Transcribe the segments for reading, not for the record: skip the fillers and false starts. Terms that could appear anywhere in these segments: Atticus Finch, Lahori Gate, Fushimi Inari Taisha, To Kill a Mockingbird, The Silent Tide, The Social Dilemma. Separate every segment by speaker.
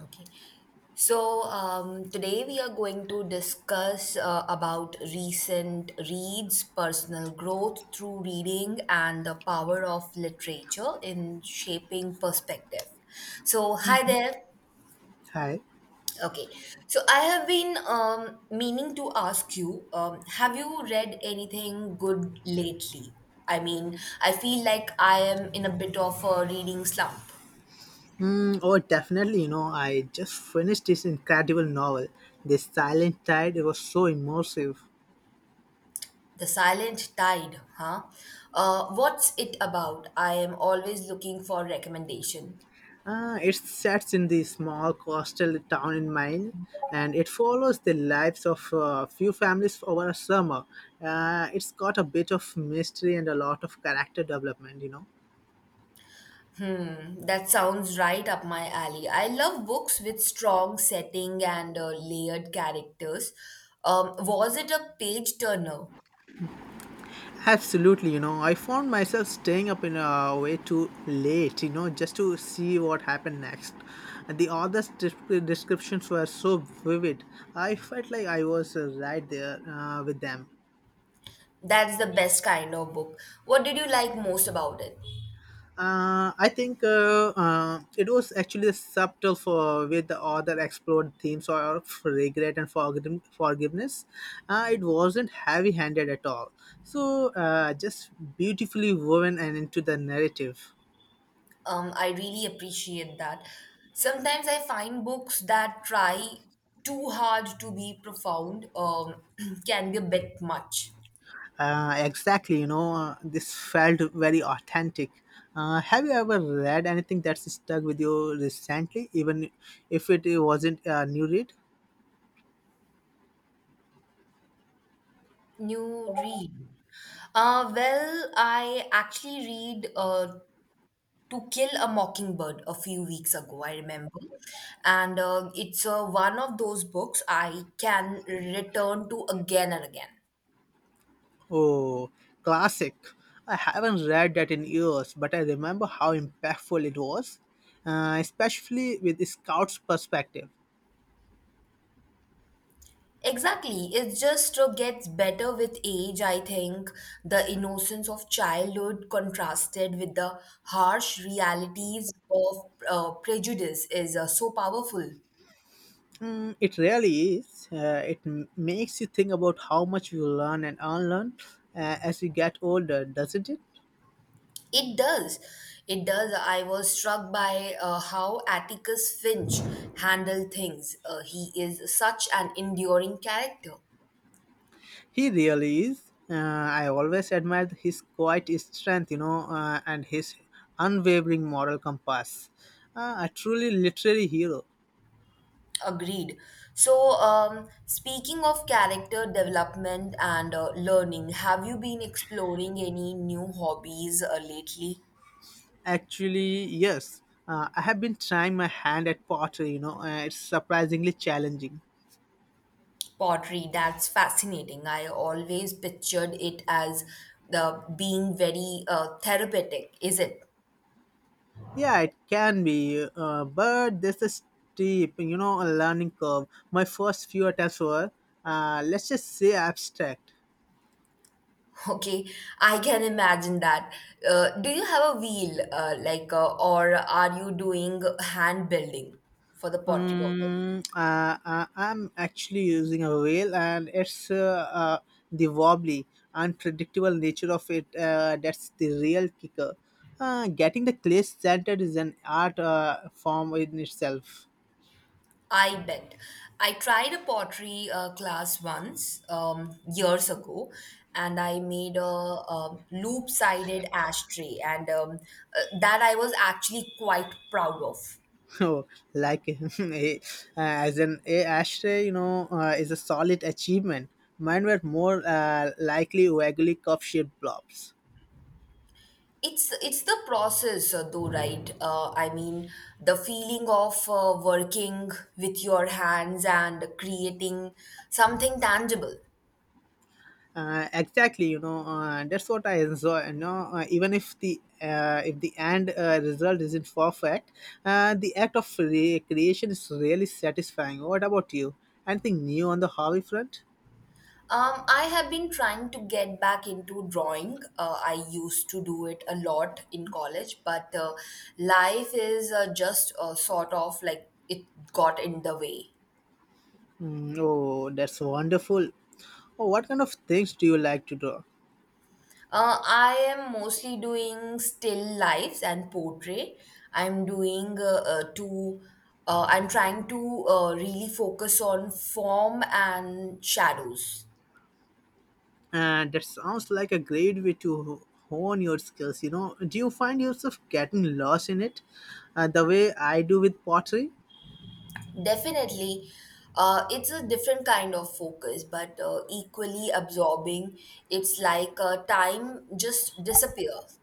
Speaker 1: Okay. So today we are going to discuss about recent reads, personal growth through reading, and the power of literature in shaping perspective. So hi there.
Speaker 2: Hi.
Speaker 1: Okay. So I have been meaning to ask you, have you read anything good lately? I mean, I feel like I am in a bit of a reading slump.
Speaker 2: Mm, oh, definitely. You know, I just finished this incredible novel. The Silent Tide. It was so immersive.
Speaker 1: The Silent Tide, huh? What's it about? I am always looking for recommendation.
Speaker 2: It sets in the small coastal town in Maine, and it follows the lives of a few families over a summer. It's got a bit of mystery and a lot of character development.
Speaker 1: Hmm, that sounds right up my alley. I love books with strong setting and layered characters. Was it a page turner?
Speaker 2: Absolutely, you know, I found myself staying up in a way too late, you know, just to see what happened next. And the descriptions were so vivid. I felt like I was right there with them.
Speaker 1: That's the best kind of book. What did you like most about it?
Speaker 2: I think it was actually the subtle for with the author explored themes of regret and forgiveness. It wasn't heavy-handed at all. Just beautifully woven and into the narrative.
Speaker 1: I really appreciate that. Sometimes I find books that try too hard to be profound can be a bit much.
Speaker 2: Exactly, you know, this felt very authentic. Have you ever read anything that's stuck with you recently, even if it wasn't a new read?
Speaker 1: New read. Well, I actually read To Kill a Mockingbird a few weeks ago, I remember. And it's one of those books I can return to again and again.
Speaker 2: Oh, classic. I haven't read that in years, but I remember how impactful it was, especially with the scout's perspective.
Speaker 1: Exactly. It just gets better with age, I think. The innocence of childhood contrasted with the harsh realities of prejudice is so powerful.
Speaker 2: Mm, it really is. Makes you think about how much you learn and unlearn as you get older, doesn't it?
Speaker 1: It does. It does. I was struck by how Atticus Finch handled things. He is such an enduring character.
Speaker 2: He really is. I always admired his quiet strength, you know, and his unwavering moral compass. A truly literary hero.
Speaker 1: Agreed. So, speaking of character development and learning, have you been exploring any new hobbies lately?
Speaker 2: Actually, yes. I have been trying my hand at pottery, you know, it's surprisingly challenging.
Speaker 1: Pottery, that's fascinating. I always pictured it as the being very therapeutic, is it?
Speaker 2: Yeah, it can be, but there's a steep, you know, a learning curve. My first few attempts were, let's just say, abstract.
Speaker 1: Okay, I can imagine that. Do you have a wheel, or are you doing hand building for the pottery purpose?
Speaker 2: I'm actually using a whale, and it's the wobbly, unpredictable nature of it that's the real kicker. Getting the clay centered is an art form in itself.
Speaker 1: I bet. I tried a pottery class once, years ago, and I made a, loop-sided ashtray, and that I was actually quite proud of.
Speaker 2: Oh, like as an ashtray, you know, is a solid achievement. Mine were more likely waggly cup-shaped blobs.
Speaker 1: It's the process though, right? I mean, the feeling of working with your hands and creating something tangible.
Speaker 2: Exactly, you know, that's what I enjoy, you know, even if the end result isn't perfect. The act of creation is really satisfying. What about you? Anything new on the hobby front?
Speaker 1: I have been trying to get back into drawing. I used to do it a lot in college, but life is just sort of like it got in the way.
Speaker 2: Mm, oh, that's wonderful. Oh, what kind of things do you like to draw?
Speaker 1: I am mostly doing still lifes and portrait. I'm doing I'm trying to really focus on form and shadows.
Speaker 2: And that sounds like a great way to hone your skills. You know, do you find yourself getting lost in it the way I do with pottery?
Speaker 1: Definitely, it's a different kind of focus, but equally absorbing. It's like time just disappears.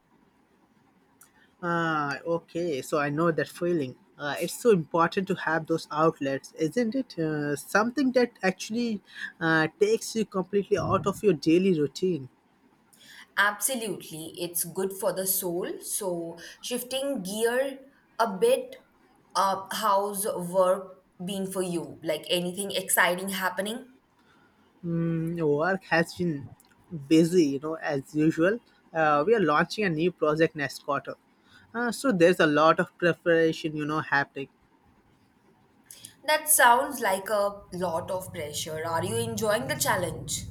Speaker 2: Ah, okay. So I know that feeling. It's so important to have those outlets, isn't it? Something that actually takes you completely out of your daily routine.
Speaker 1: Absolutely, it's good for the soul. So, shifting gear a bit, how's work been for you? Like anything exciting happening?
Speaker 2: Mm, work has been busy, you know, as usual. We are launching a new project next quarter. So there's a lot of preparation, you know, happening.
Speaker 1: That sounds like a lot of pressure. Are you enjoying the challenge?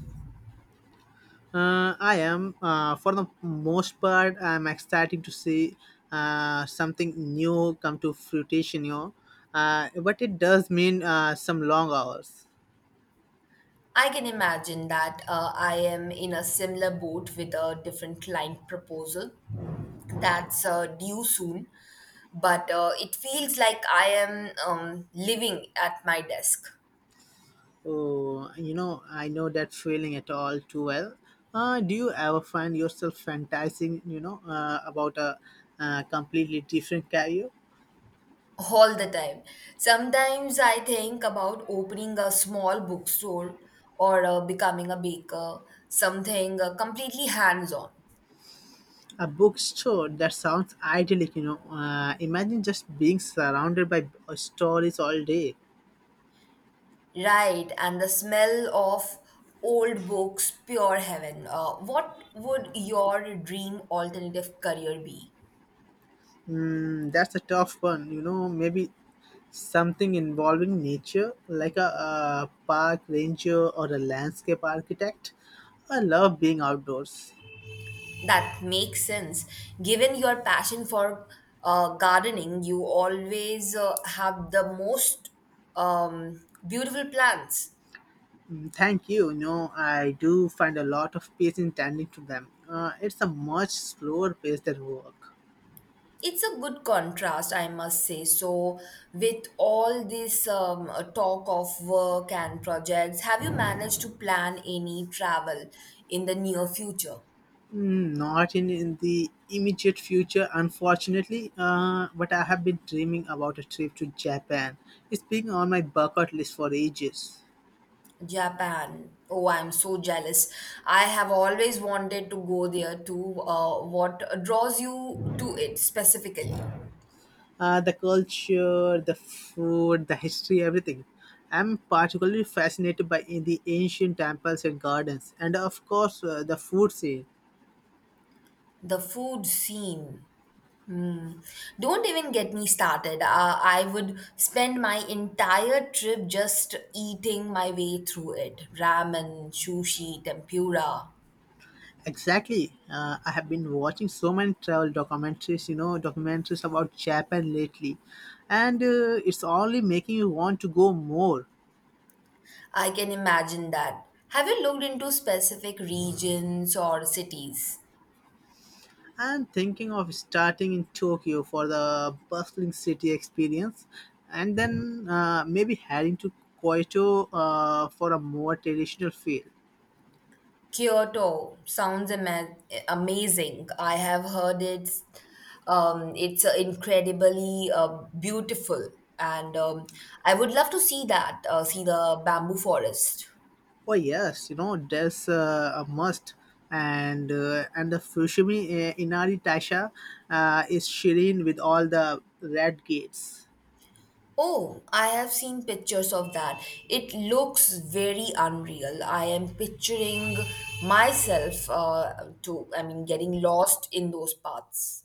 Speaker 2: I am, for the most part, I'm excited to see something new come to fruition, you know. But it does mean some long hours.
Speaker 1: I can imagine that. I am in a similar boat with a different client proposal that's due soon, but it feels like I am living at my desk.
Speaker 2: Oh, you know, I know that feeling at all too well. Do you ever find yourself fantasizing, you know, about a completely different career?
Speaker 1: All the time. Sometimes I think about opening a small bookstore or becoming a baker, something completely hands on.
Speaker 2: A bookstore that sounds idyllic, you know. Imagine just being surrounded by stories all day.
Speaker 1: Right, and the smell of old books, pure heaven. What would your dream alternative career be?
Speaker 2: Mm, that's a tough one. You know, maybe something involving nature, like a park ranger or a landscape architect. I love being outdoors.
Speaker 1: That makes sense. Given your passion for gardening, you always have the most beautiful plants.
Speaker 2: Mm, thank you. You know, I do find a lot of peace in tending to them. It's a much slower pace than work.
Speaker 1: It's a good contrast, I must say. So, with all this talk of work and projects, have you managed to plan any travel in the near future?
Speaker 2: Mm, not in the immediate future, unfortunately, but I have been dreaming about a trip to Japan. It's been on my bucket list for ages.
Speaker 1: Japan. Oh, I'm so jealous. I have always wanted to go there too. What draws you to it specifically?
Speaker 2: The culture, the food, the history, everything. I'm particularly fascinated by in the ancient temples and gardens, and of course, the food scene.
Speaker 1: The food scene. Hmm. Don't even get me started. I would spend my entire trip just eating my way through it. Ramen, sushi, tempura.
Speaker 2: Exactly. I have been watching so many travel documentaries, you know, documentaries about Japan lately, and it's only making you want to go more.
Speaker 1: I can imagine that. Have you looked into specific regions or cities?
Speaker 2: I'm thinking of starting in Tokyo for the bustling city experience and then maybe heading to Kyoto for a more traditional feel.
Speaker 1: Kyoto sounds ama- amazing. I have heard it's incredibly beautiful, and I would love to see that, see the bamboo forest.
Speaker 2: Oh yes, you know, that's a must. And the Fushimi Inari Taisha is serene with all the red gates.
Speaker 1: Oh, I have seen pictures of that. It looks very unreal. I am picturing myself I mean, getting lost in those paths.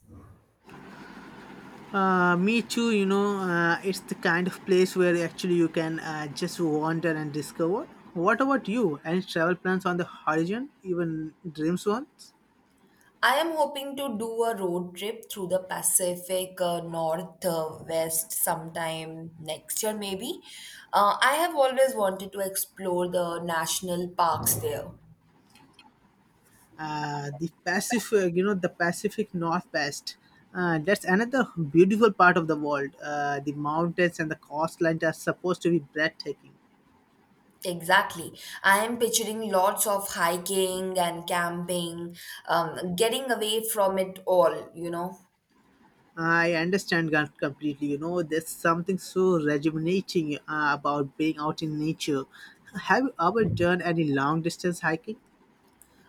Speaker 2: Me too, you know, it's the kind of place where actually you can just wander and discover. What about you? Any travel plans on the horizon, even dreams ones?
Speaker 1: I am hoping to do a road trip through the Pacific North West sometime next year, maybe. I have always wanted to explore the national parks there.
Speaker 2: You know, the Pacific Northwest. That's another beautiful part of the world. The mountains and the coastlines are supposed to be breathtaking.
Speaker 1: Exactly. I am picturing lots of hiking and camping, getting away from it all, you know.
Speaker 2: I understand God completely. You know, there's something so rejuvenating about being out in nature. Have you ever done any long distance hiking?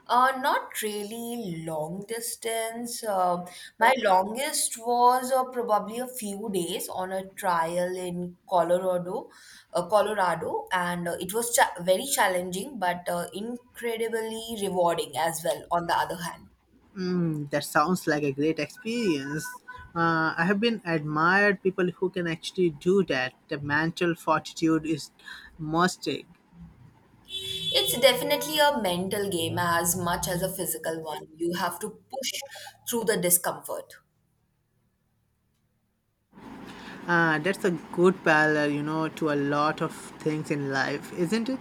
Speaker 1: Not really long distance. My longest was probably a few days on a trial in Colorado, and very challenging, but incredibly rewarding as well, on the other hand.
Speaker 2: Mm, that sounds like a great experience. I have been admired people who can actually do that. The mental fortitude is must take.
Speaker 1: It's definitely a mental game as much as a physical one. You have to push through the discomfort.
Speaker 2: That's a good parallel, you know, to a lot of things in life, isn't it?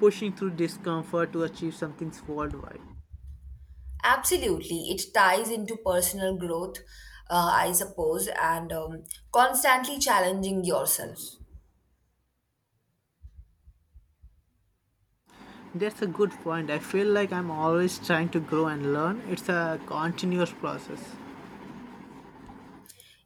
Speaker 2: Pushing through discomfort to achieve something worldwide.
Speaker 1: Absolutely. It ties into personal growth, I suppose, and constantly challenging yourself.
Speaker 2: That's a good point. I feel like I'm always trying to grow and learn. It's a continuous process.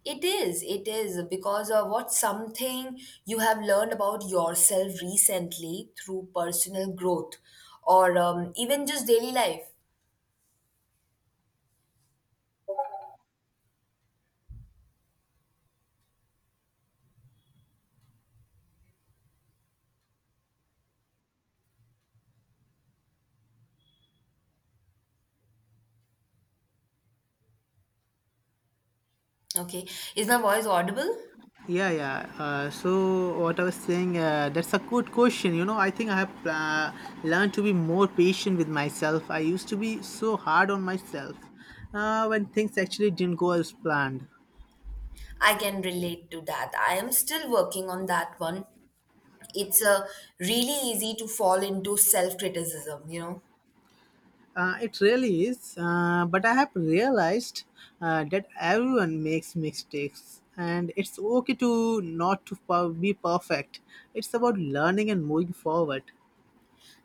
Speaker 1: It is, because of what something you have learned about yourself recently through personal growth or even just daily life. Okay, is my voice audible?
Speaker 2: Yeah, yeah. So what I was saying, that's a good question. You know, I think I have learned to be more patient with myself. I used to be so hard on myself when things actually didn't go as planned.
Speaker 1: I can relate to that. I am still working on that one, it's really easy to fall into self criticism, you know.
Speaker 2: It really is. But I have realized that everyone makes mistakes, and it's okay to not be perfect. It's about learning and moving forward.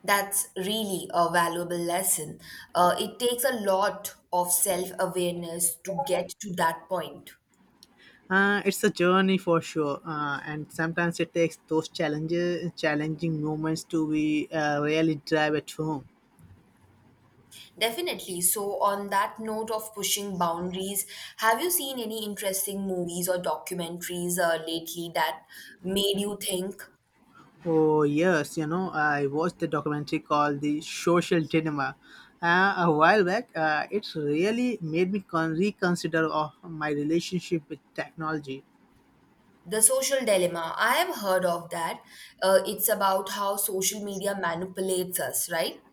Speaker 1: That's really a valuable lesson. It takes a lot of self awareness to get to that point.
Speaker 2: It's a journey for sure, and sometimes it takes those challenging moments to be really drive it home.
Speaker 1: Definitely. So, on that note of pushing boundaries, have you seen any interesting movies or documentaries lately that made you think?
Speaker 2: Oh yes, you know, I watched the documentary called "The Social Dilemma" a while back. It really made me reconsider of my relationship with technology.
Speaker 1: The Social Dilemma. I have heard of that. It's about how social media manipulates us, right?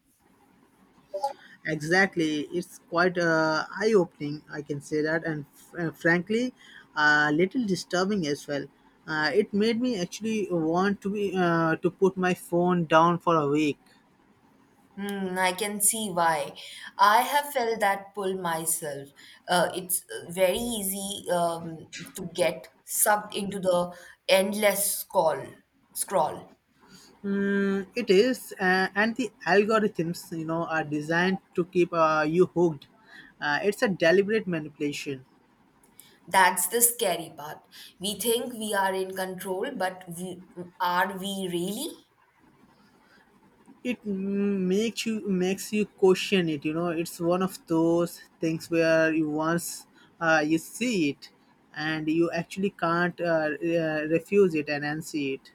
Speaker 2: Exactly, it's quite eye-opening. I can say that, and frankly, a little disturbing as well. It made me actually want to be to put my phone down for a week.
Speaker 1: Hmm, I can see why. I have felt that pull myself. It's very easy to get sucked into the endless scroll. Scroll.
Speaker 2: Mm, it is, and the algorithms, you know, are designed to keep you hooked. It's a deliberate manipulation.
Speaker 1: That's the scary part. We think we are in control, but we, are we really?
Speaker 2: It makes you question it, you know. It's one of those things where you once you see it and you actually can't refuse it and unsee it.